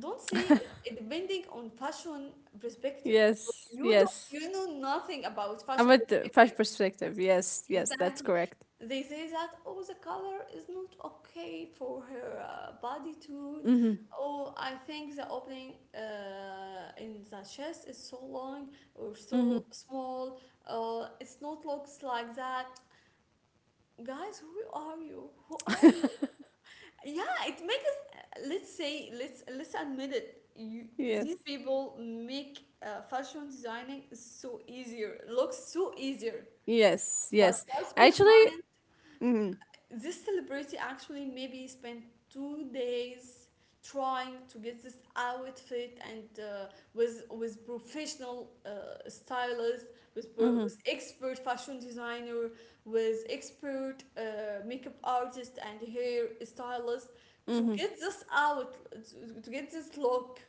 Speaker 2: don't say it depending on fashion perspective.
Speaker 1: Yes.
Speaker 2: You don't,
Speaker 1: Yes.
Speaker 2: you know nothing about
Speaker 1: I'm
Speaker 2: fashion
Speaker 1: with the fresh
Speaker 2: perspective.
Speaker 1: perspective. Yes. Yes. That's
Speaker 2: Exactly.
Speaker 1: correct.
Speaker 2: They say that, oh, the color is not okay for her body tone.
Speaker 1: Mm-hmm.
Speaker 2: Oh, I think the opening in the chest is so long or so
Speaker 1: Mm-hmm.
Speaker 2: small. It's not looks like that. Guys, who are you? Who are you? Yeah, it, let's say, let's admit it, you, these
Speaker 1: Yes.
Speaker 2: people make fashion designing so easier, looks so easier,
Speaker 1: Yes,
Speaker 2: but
Speaker 1: yes.
Speaker 2: what's behind
Speaker 1: Actually, mhm,
Speaker 2: this celebrity actually maybe spent 2 days trying to get this outfit and with professional stylist, with, with
Speaker 1: mhm,
Speaker 2: expert fashion designer with expert makeup artist and hair stylist to
Speaker 1: mhm,
Speaker 2: get this out to get this look,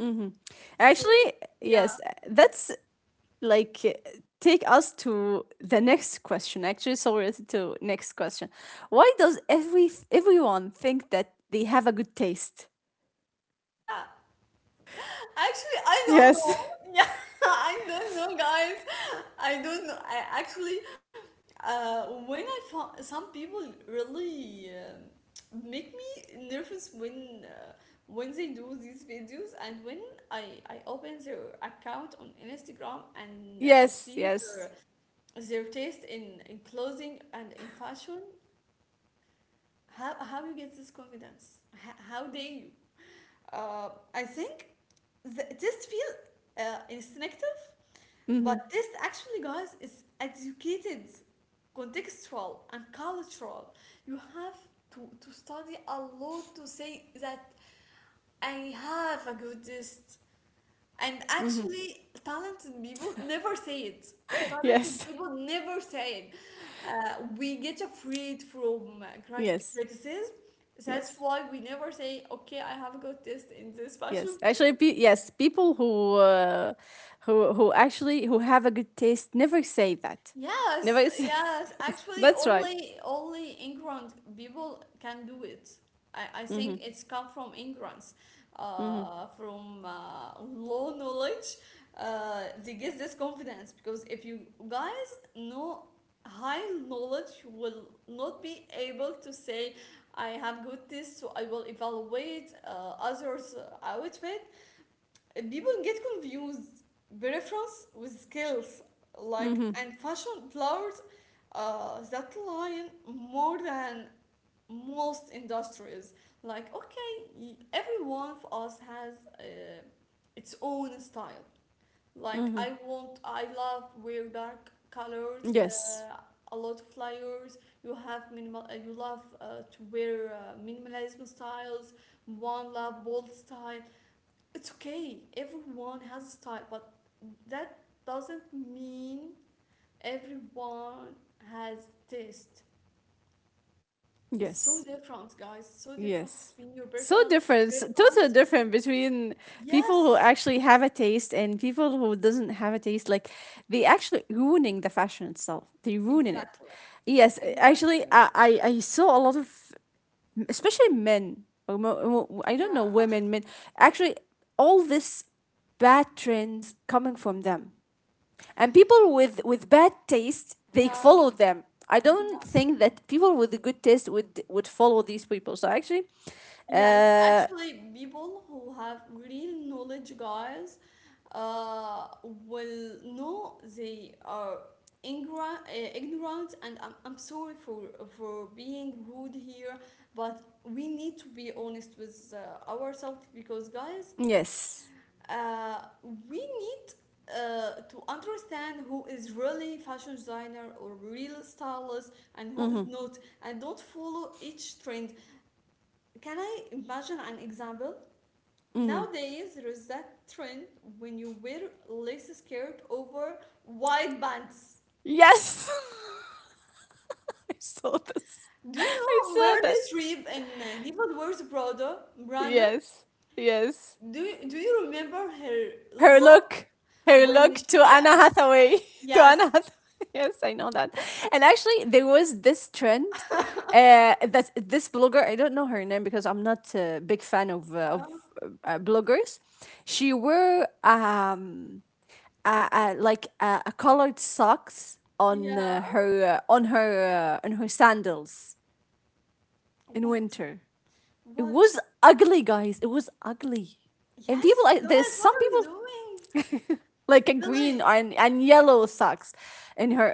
Speaker 1: mhm.
Speaker 2: so
Speaker 1: Actually,
Speaker 2: yeah,
Speaker 1: yes, that's, like, take us to the next question. Actually, so we're to next question. Why does everyone think that they have a good taste?
Speaker 2: yeah. Actually, I don't
Speaker 1: Yes,
Speaker 2: know. Yeah, I don't know, guys. I don't know. I actually, when I found some people really make me nervous when they do these videos and when I I open their account on Instagram and see
Speaker 1: yes, yes.
Speaker 2: their taste in clothing and in fashion. How you get this confidence? How dare you? Uh, I think this feel instinctive,
Speaker 1: Mhm,
Speaker 2: but this actually, guys, is educated, contextual, and cultural. You have to study a lot to say that I have a good taste. And
Speaker 1: mhm.
Speaker 2: actually, talented people never say it. Talented
Speaker 1: Yes,
Speaker 2: people never say it. We get afraid from
Speaker 1: yes,
Speaker 2: criticism. That's
Speaker 1: yes.
Speaker 2: why we never say, okay, I have a good taste in this
Speaker 1: Yes,
Speaker 2: fashion.
Speaker 1: actually, yes, people who have a good taste never say that. Never
Speaker 2: Yes,
Speaker 1: say.
Speaker 2: yes. Actually,
Speaker 1: That's right.
Speaker 2: only only England people can do it. I think
Speaker 1: Mhm.
Speaker 2: it's come from ignorance,
Speaker 1: Mhm.
Speaker 2: from low knowledge. They get this confidence because if you guys know high knowledge, you will not be able to say, I have good taste, so I will evaluate others' outfit. People get confused preference with skills, like,
Speaker 1: Mhm.
Speaker 2: and fashion blurs that line more than most industries. Like, okay, every one of us has its own style. Like,
Speaker 1: Mhm.
Speaker 2: I want, I love wear dark colors,
Speaker 1: Yes.
Speaker 2: a lot of layers. You have minimal, you love to wear minimalism styles. One love bold style, it's okay. Everyone has a style, but that doesn't mean everyone has taste. It's so
Speaker 1: Yes.
Speaker 2: different, guys. So difference between
Speaker 1: Yes.
Speaker 2: your personal
Speaker 1: So different,
Speaker 2: preference.
Speaker 1: total different between people
Speaker 2: Yes,
Speaker 1: who actually have a taste and people who doesn't have a taste. Like, they actually ruining the fashion itself. They ruining
Speaker 2: exactly,
Speaker 1: it. Yes,
Speaker 2: exactly.
Speaker 1: actually, I saw a lot of, especially men. I
Speaker 2: Yeah,
Speaker 1: don't know, women, men. Actually, all this bad trends coming from them, and people with bad taste, they
Speaker 2: yeah,
Speaker 1: follow them. I don't
Speaker 2: yes.
Speaker 1: think that people with a good taste would follow these people. So actually,
Speaker 2: Yes,
Speaker 1: uh,
Speaker 2: actually, people who have real knowledge, guys, will know they are ignorant, and I'm sorry for being rude here, but we need to be honest with ourselves because, guys,
Speaker 1: yes.
Speaker 2: uh, we need to understand who is really fashion designer or real stylist and who is
Speaker 1: Mm-hmm.
Speaker 2: not, and don't follow each trend. Can I imagine an example?
Speaker 1: Mm-hmm.
Speaker 2: Nowadays, there's that trend when you wear lace skirt over wide bands.
Speaker 1: Yes. I saw this.
Speaker 2: Do you
Speaker 1: I
Speaker 2: know
Speaker 1: saw
Speaker 2: Meryl
Speaker 1: this.
Speaker 2: Streep and Diva Wears Prada, Branda?
Speaker 1: Yes. Yes.
Speaker 2: Do you remember her
Speaker 1: her
Speaker 2: look
Speaker 1: look, her
Speaker 2: when
Speaker 1: look to
Speaker 2: she,
Speaker 1: Anna Hathaway, to
Speaker 2: yes.
Speaker 1: Anna Hathaway. Yes, I know that. And actually, there was this trend, that this blogger, I don't know her name because I'm not a big fan of
Speaker 2: Uh,
Speaker 1: bloggers. She wore like, a colored socks
Speaker 2: yes.
Speaker 1: on
Speaker 2: Yeah.
Speaker 1: her on her on her sandals in
Speaker 2: What?
Speaker 1: winter. It
Speaker 2: What?
Speaker 1: was ugly, guys. It was ugly. And people,
Speaker 2: Yes,
Speaker 1: I, there's
Speaker 2: guys, what
Speaker 1: some
Speaker 2: are you
Speaker 1: people
Speaker 2: doing?
Speaker 1: like a green
Speaker 2: Really?
Speaker 1: and yellow socks in her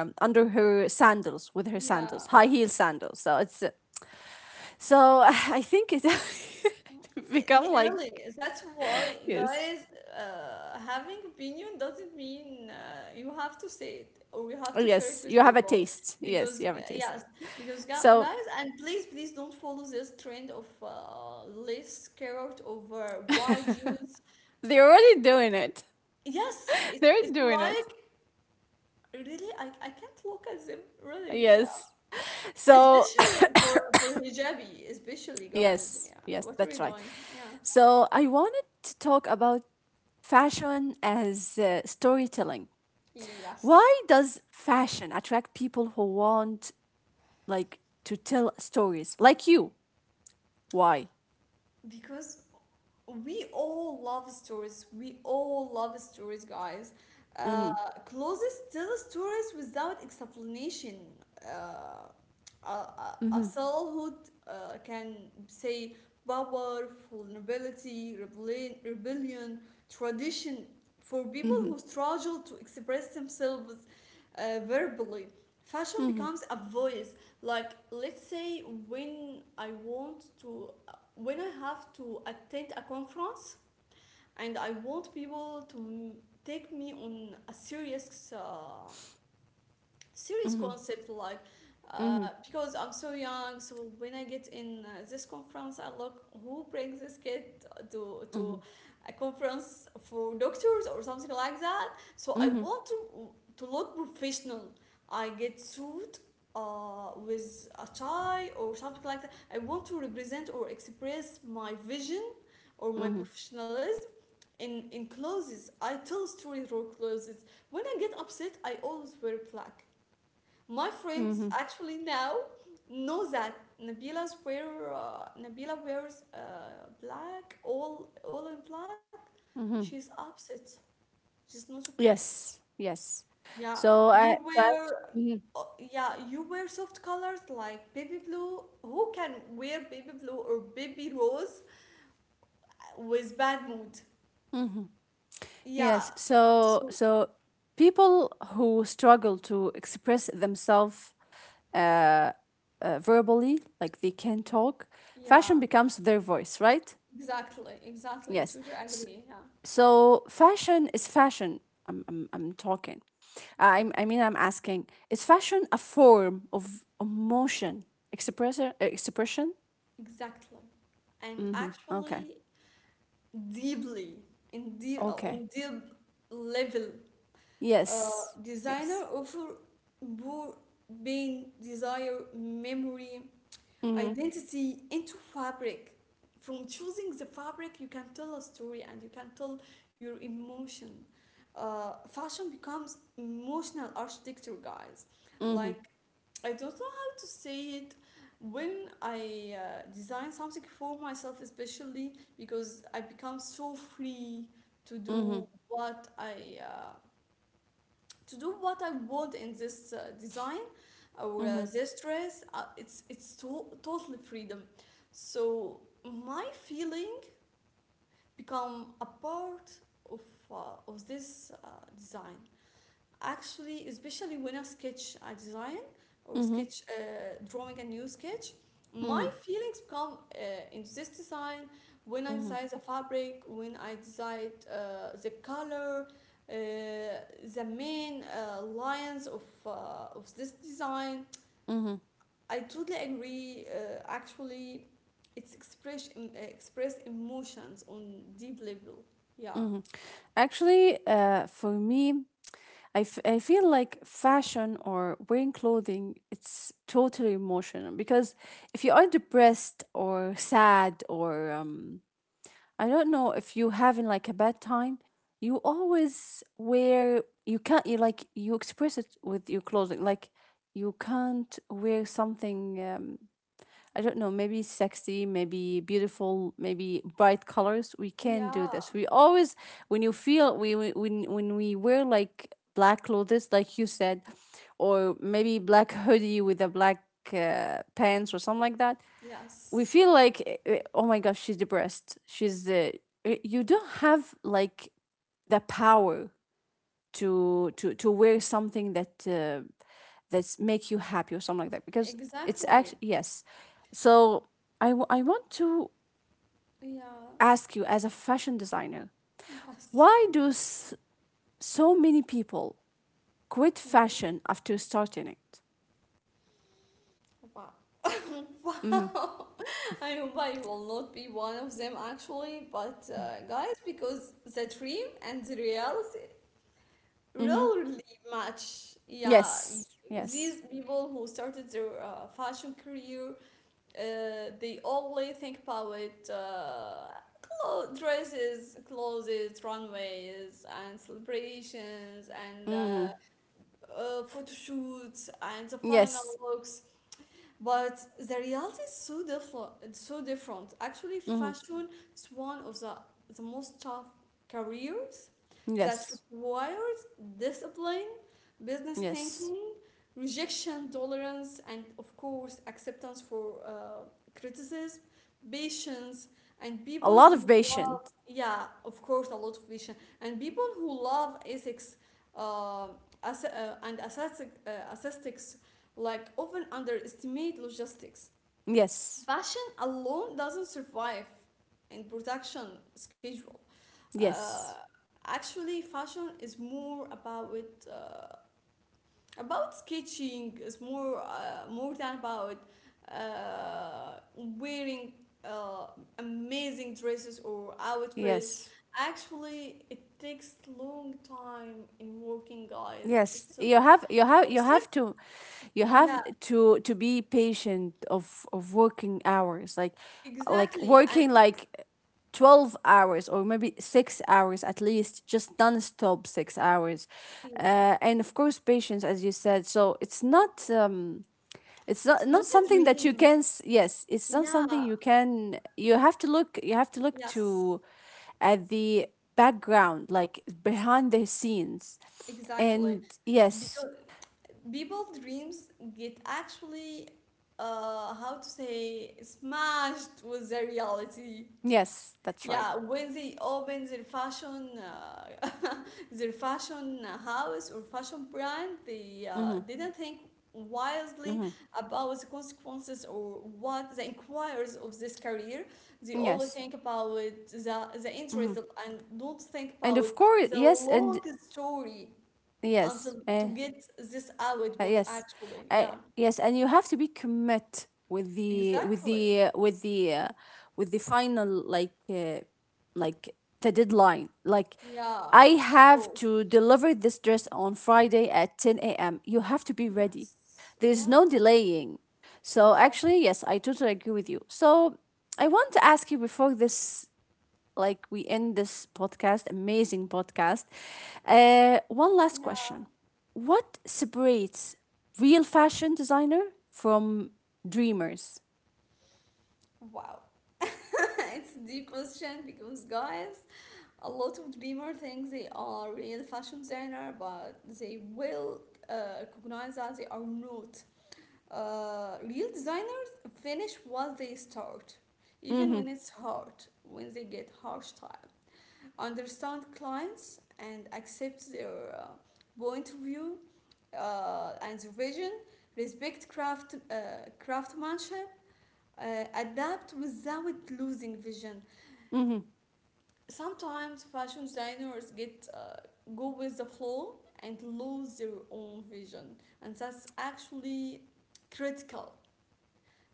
Speaker 1: under her sandals, with her sandals,
Speaker 2: Yeah.
Speaker 1: high heel sandals. So it's so I think it
Speaker 2: Y-
Speaker 1: become like,
Speaker 2: Really, that's why,
Speaker 1: yes,
Speaker 2: guys, having opinion doesn't mean you have to say it or you have to share
Speaker 1: yes,
Speaker 2: it
Speaker 1: you
Speaker 2: with
Speaker 1: have a
Speaker 2: people.
Speaker 1: taste, yes, you
Speaker 2: Because,
Speaker 1: have a taste.
Speaker 2: yes, because
Speaker 1: So
Speaker 2: guys, and please, please don't follow this trend of less scared over wide jeans.
Speaker 1: they're already doing it.
Speaker 2: Yes,
Speaker 1: They're
Speaker 2: it's
Speaker 1: doing it,
Speaker 2: like, really, I can't look at them, really, yeah.
Speaker 1: yes. So
Speaker 2: Especially for hijabi, especially, guys,
Speaker 1: yes,
Speaker 2: yeah.
Speaker 1: yes,
Speaker 2: What are
Speaker 1: that's
Speaker 2: we
Speaker 1: right.
Speaker 2: doing? Yeah.
Speaker 1: So I wanted to talk about fashion as storytelling. Why
Speaker 2: Yes.
Speaker 1: does fashion attract people who want, like, to tell stories like you? Why?
Speaker 2: Because we all love stories. We all love stories, guys.
Speaker 1: Mm-hmm.
Speaker 2: Uh, Closes tell stories without explanation. Uh, a
Speaker 1: Mm-hmm.
Speaker 2: soulhood can say power, vulnerability, rebellion, tradition for people
Speaker 1: Mm-hmm.
Speaker 2: who struggle to express themselves verbally. Fashion
Speaker 1: Mm-hmm.
Speaker 2: becomes a voice. Like, let's say when I want to when I have to attend a conference and I want people to take me on a serious, serious
Speaker 1: Mm-hmm.
Speaker 2: concept like uh,
Speaker 1: Mm-hmm.
Speaker 2: because I'm so young, so when I get in this conference, I look who brings this kid to
Speaker 1: Mm-hmm.
Speaker 2: a conference for doctors or something like that. So I want to look professional. I get suit with a tie or something like that. I want to represent or express my vision or my
Speaker 1: Mm-hmm.
Speaker 2: professionalism in clothes. I tell story through clothes. When I get upset, I always wear black. My friends
Speaker 1: Mm-hmm.
Speaker 2: actually now know that Nabila's wear, Nabila wears black, all in black.
Speaker 1: Mm-hmm.
Speaker 2: She's upset. She's not okay.
Speaker 1: Yes. Yes.
Speaker 2: Yeah,
Speaker 1: So
Speaker 2: you
Speaker 1: I so,
Speaker 2: wear.
Speaker 1: mm,
Speaker 2: uh, yeah, you wear soft colors like baby blue. Who can wear baby blue or baby rose with bad mood?
Speaker 1: hmm,
Speaker 2: Yeah.
Speaker 1: yes. So
Speaker 2: So
Speaker 1: so people who struggle to express themselves uh, verbally, like they can talk,
Speaker 2: yeah,
Speaker 1: fashion becomes their voice, right?
Speaker 2: exactly, exactly.
Speaker 1: Yes.
Speaker 2: Totally agree. Yeah,
Speaker 1: So fashion is fashion. I'm talking. I mean I'm asking. Is fashion a form of emotion expression? Expression?
Speaker 2: exactly. And
Speaker 1: Mm-hmm. Okay.
Speaker 2: actually, deeply, in deep,
Speaker 1: Okay.
Speaker 2: on deep level, uh,
Speaker 1: Yes. Yes.
Speaker 2: designer offer poor pain, desire, memory,
Speaker 1: Mm-hmm.
Speaker 2: identity into fabric. From choosing the fabric, you can tell a story and you can tell your emotion. Fashion becomes emotional architecture, guys.
Speaker 1: Mm-hmm.
Speaker 2: Like, I don't know how to say it. When I design something for myself, especially because I become so free to
Speaker 1: Mm-hmm.
Speaker 2: do what I to do what I want in this design or
Speaker 1: Mm-hmm.
Speaker 2: this dress. It's totally freedom. So my feeling become a part of of this design. Actually, especially when I sketch a design or
Speaker 1: Mm-hmm.
Speaker 2: sketch drawing a new sketch, my
Speaker 1: Mm-hmm.
Speaker 2: feelings come into this design when I
Speaker 1: Mm-hmm.
Speaker 2: design the fabric, when I decide the color, the main lines of this design.
Speaker 1: Mm-hmm.
Speaker 2: I totally agree. Actually, it's express emotions on deep level. Yeah.
Speaker 1: Actually, for me, I feel like fashion or wearing clothing, it's totally emotional because if you are depressed or sad or, I don't know, if you having like a bad time, you always wear, you can't, you, like, you express it with your clothing, like you can't wear something, I don't know, maybe sexy, maybe beautiful, maybe bright colors. We can do this.
Speaker 2: Yeah.
Speaker 1: We always, when you feel, when we wear like black clothes, like you said, or maybe black hoodie with a black, pants or something like that, we
Speaker 2: Yes.
Speaker 1: feel like, eh, eh, oh my gosh, she's depressed. She's, eh, you don't have like the power to wear something that, that's make you happy or something like that because it's actually,
Speaker 2: Exactly.
Speaker 1: yes. So I want to
Speaker 2: Yeah.
Speaker 1: ask you, as a fashion designer,
Speaker 2: Yes.
Speaker 1: why do so many people quit
Speaker 2: Mhm.
Speaker 1: fashion after starting it?
Speaker 2: Wow. Wow. I hope I will not be one of them actually, but guys, because the dream and the reality
Speaker 1: Mm-hmm.
Speaker 2: rarely match. Yeah,
Speaker 1: Yes, yes.
Speaker 2: these people who started their fashion career, they only think about dresses, clothes, runways, and celebrations, and
Speaker 1: Mm-hmm.
Speaker 2: photo shoots, and the final
Speaker 1: Yes.
Speaker 2: looks. But the reality is so different. It's so different. Actually,
Speaker 1: Mm-hmm.
Speaker 2: fashion is one of the most tough career that
Speaker 1: Yes,
Speaker 2: requires discipline, business
Speaker 1: yes.
Speaker 2: thinking, rejection tolerance, and of course, acceptance for criticism, patience, and
Speaker 1: A
Speaker 2: people
Speaker 1: lot of
Speaker 2: who love,
Speaker 1: patience.
Speaker 2: yeah, of course, a lot of patience, and people who love ethics uh, and aesthetic, aesthetics like often underestimate logistics.
Speaker 1: Yes,
Speaker 2: Passion alone doesn't survive in production schedule. Uh,
Speaker 1: yes,
Speaker 2: Actually, fashion is more about about sketching. Is more more than about wearing uh, amazing dresses or outfits.
Speaker 1: yes.
Speaker 2: Actually, it takes long time in working, guys.
Speaker 1: Yes,
Speaker 2: It's so-
Speaker 1: you have you have you
Speaker 2: except
Speaker 1: have to
Speaker 2: yeah,
Speaker 1: be patient of working hours, like
Speaker 2: exactly,
Speaker 1: working
Speaker 2: and
Speaker 1: like 12 hours or maybe 6 hours at least, just non-stop 6 hours.
Speaker 2: yeah,
Speaker 1: And of course, patience, as you said. So it's not, it's not
Speaker 2: it's not a
Speaker 1: something that you
Speaker 2: dream.
Speaker 1: can. Yes, it's not
Speaker 2: Yeah,
Speaker 1: something you can. You have to look. You have to look
Speaker 2: yes,
Speaker 1: to at the background, like behind the scenes.
Speaker 2: exactly.
Speaker 1: And yes,
Speaker 2: Because people dreams get actually how to say smashed with the reality,
Speaker 1: yes, that's right.
Speaker 2: yeah, when they open their fashion their fashion house or fashion brand they
Speaker 1: Mm-hmm,
Speaker 2: didn't think wisely
Speaker 1: mm-hmm.
Speaker 2: about the consequences or what the inquires of this career. They only
Speaker 1: Yes.
Speaker 2: think about the
Speaker 1: Mm-hmm.
Speaker 2: interest and don't think
Speaker 1: And
Speaker 2: about
Speaker 1: of course,
Speaker 2: the
Speaker 1: yes,
Speaker 2: long
Speaker 1: and
Speaker 2: story
Speaker 1: yes.
Speaker 2: until to get this output
Speaker 1: Yes,
Speaker 2: actually.
Speaker 1: uh,
Speaker 2: Yeah,
Speaker 1: yes, and you have to be commit
Speaker 2: exactly.
Speaker 1: with the final, like, like the deadline. Like,
Speaker 2: Yeah,
Speaker 1: I
Speaker 2: of
Speaker 1: have
Speaker 2: course.
Speaker 1: to deliver this dress on Friday at 10 a.m. You have to be ready.
Speaker 2: Yes,
Speaker 1: There's
Speaker 2: yes,
Speaker 1: no delaying. So
Speaker 2: exactly.
Speaker 1: actually, yes, I totally agree with you. So I want to ask you before this, like, we end this podcast, amazing podcast. One last
Speaker 2: Yeah.
Speaker 1: question. What separates real fashion designer from dreamers?
Speaker 2: Wow. It's a deep question because guys, a lot of dreamer think they are real fashion designer, but they will recognize that they are not. Real designers finish what they start, even
Speaker 1: Mm-hmm,
Speaker 2: when it's hard, when they get harsh time. Understand clients and accept their point of view and their vision, respect craft, craftsmanship, uh, adapt without losing vision.
Speaker 1: mm-hmm,
Speaker 2: Sometimes fashion designers get go with the flow and lose their own vision, and that's actually critical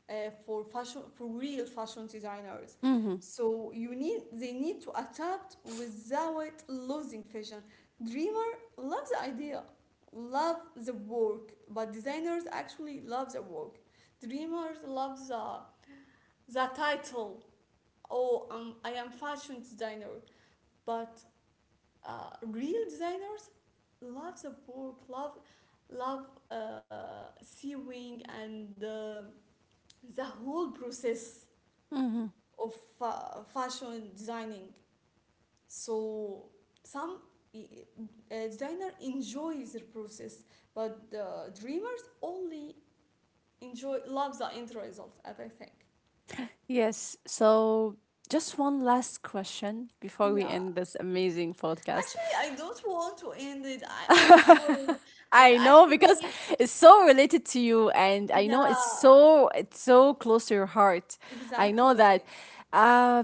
Speaker 2: uh, for fashion for real fashion designers,
Speaker 1: mm-hmm,
Speaker 2: so you need they need to adapt without losing vision. Dreamer loves the idea love the work, but designers actually love the work. Dreamers love the title. Oh, I am fashion designer. But real designers love the work, love love sewing and the whole process
Speaker 1: mm-hmm.
Speaker 2: of fashion designing. So some uh, designer enjoys the process, but the dreamers only enjoy love the end result. As I think,
Speaker 1: Yes. So, just one last question before we
Speaker 2: yeah.
Speaker 1: end this amazing podcast.
Speaker 2: Actually, I don't want to end it. I enjoy it, and
Speaker 1: I know because
Speaker 2: actually,
Speaker 1: it's so related to you, and I know
Speaker 2: yeah,
Speaker 1: it's so close to your heart. I
Speaker 2: exactly,
Speaker 1: know that. Uh,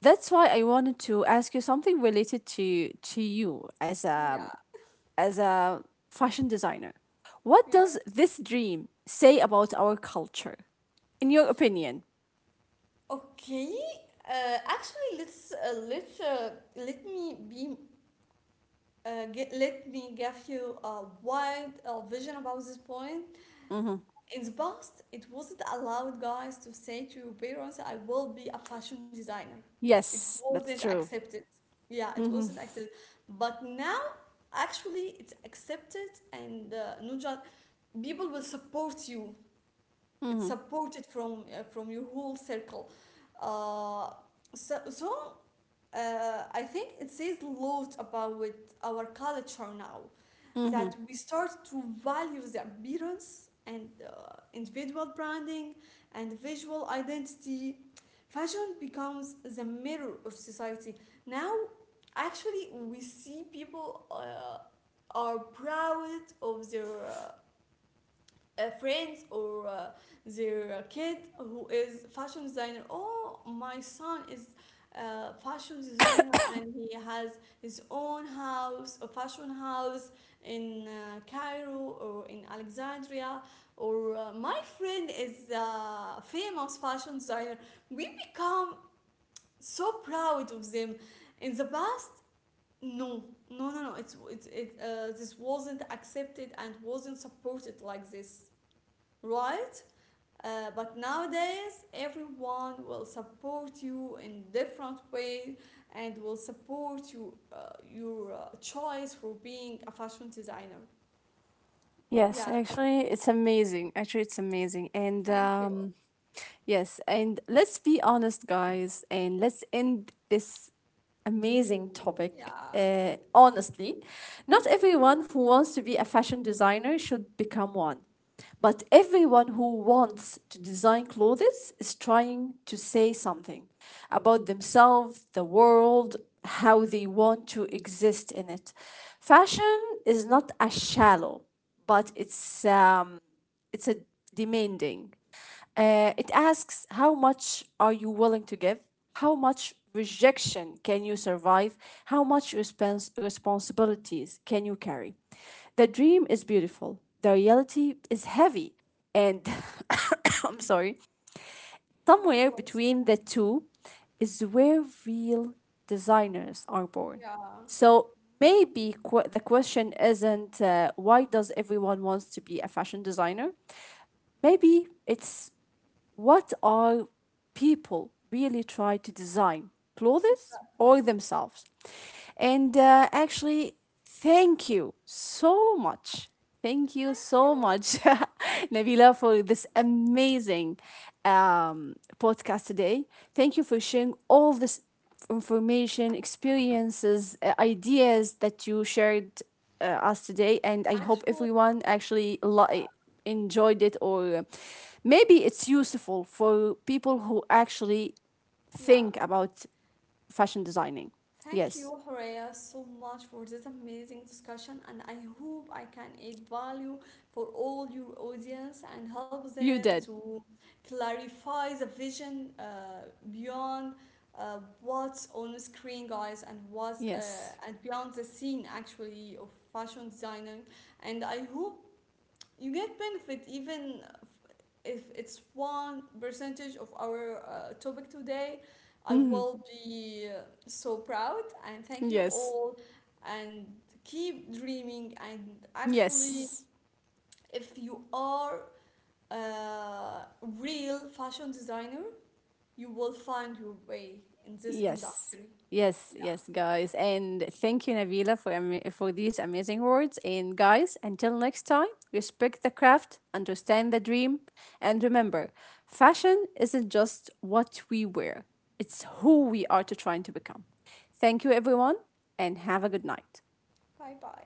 Speaker 1: That's why I wanted to ask you something related to you, as a
Speaker 2: yeah,
Speaker 1: as a fashion designer. What
Speaker 2: yeah.
Speaker 1: does this dream say about our culture, in your opinion?
Speaker 2: Okay. Actually, let me be let me give you a wide vision about this point.
Speaker 1: Hmm.
Speaker 2: In the past, it wasn't allowed guys to say to your parents, I will be a fashion designer. It
Speaker 1: Yes, that's
Speaker 2: wasn't
Speaker 1: true.
Speaker 2: accepted. Yeah, it
Speaker 1: Hmm.
Speaker 2: wasn't accepted. But now, actually, it's accepted, and not just people will support you. It's
Speaker 1: Hmm.
Speaker 2: supported from your whole circle. Uh, so so I think it says a lot about our culture now,
Speaker 1: Hmm.
Speaker 2: that we start to value the appearance and individual branding and visual identity. Fashion becomes the mirror of society. Now, actually, we see people are proud of their friends or their kid who is fashion designer. Oh, my son is a fashion designer, and he has his own house, a fashion house in Cairo or in Alexandria, or my friend is a famous fashion designer. We become so proud of them. In the past, no, no, this wasn't accepted and wasn't supported like this, right? But nowadays, everyone will support you in different way and will support you your choice for being a fashion designer.
Speaker 1: Yes,
Speaker 2: Yeah,
Speaker 1: actually, it's amazing. Actually, it's amazing, and
Speaker 2: thank you.
Speaker 1: yes, and let's be honest, guys, and let's end this amazing topic.
Speaker 2: Yeah,
Speaker 1: Honestly, not everyone who wants to be a fashion designer should become one. But everyone who wants to design clothes is trying to say something about themselves, the world, how they want to exist in it. Fashion is not a shallow, but it's a demanding. It asks, how much are you willing to give? How much rejection can you survive? How much responsibilities can you carry? The dream is beautiful. The reality is heavy. And I'm sorry,
Speaker 2: God
Speaker 1: somewhere
Speaker 2: bless
Speaker 1: between
Speaker 2: you.
Speaker 1: the two is where real designers are born.
Speaker 2: Yeah,
Speaker 1: So maybe the question isn't, why does everyone wants to be a fashion designer? Maybe it's, what are people really try to design, clothes or
Speaker 2: exactly.
Speaker 1: themselves? And actually, thank you so much, thank you
Speaker 2: Thank
Speaker 1: so
Speaker 2: you.
Speaker 1: much, Nabila, for this amazing podcast today. Thank you for sharing all this information, experiences, ideas that you shared us today. And I hope
Speaker 2: Actually,
Speaker 1: everyone actually
Speaker 2: yeah,
Speaker 1: enjoyed it, or maybe it's useful for people who actually
Speaker 2: yeah.
Speaker 1: think about fashion designing.
Speaker 2: Thank
Speaker 1: Yes,
Speaker 2: you, Horea, so much for this amazing discussion, and I hope I can add value for all your audience and help
Speaker 1: you
Speaker 2: them
Speaker 1: did.
Speaker 2: to clarify the vision beyond what's on screen, guys, and what's
Speaker 1: Yes.
Speaker 2: and beyond the scene actually of fashion designing. And I hope you get benefit even if it's 1 percentage of our topic today, I
Speaker 1: Mhm.
Speaker 2: will be so proud and thank you
Speaker 1: Yes.
Speaker 2: all and keep dreaming and actually
Speaker 1: Yes.
Speaker 2: if you are a real fashion designer, you will find your way in this
Speaker 1: Yes.
Speaker 2: industry.
Speaker 1: Yes,
Speaker 2: Yeah.
Speaker 1: yes, guys. And thank you, Nabila, for these amazing words. And guys, until next time, respect the craft, understand the dream, and remember, fashion isn't just what we wear; it's who we are to trying to become. Thank you, everyone, and have a good night.
Speaker 2: Bye bye.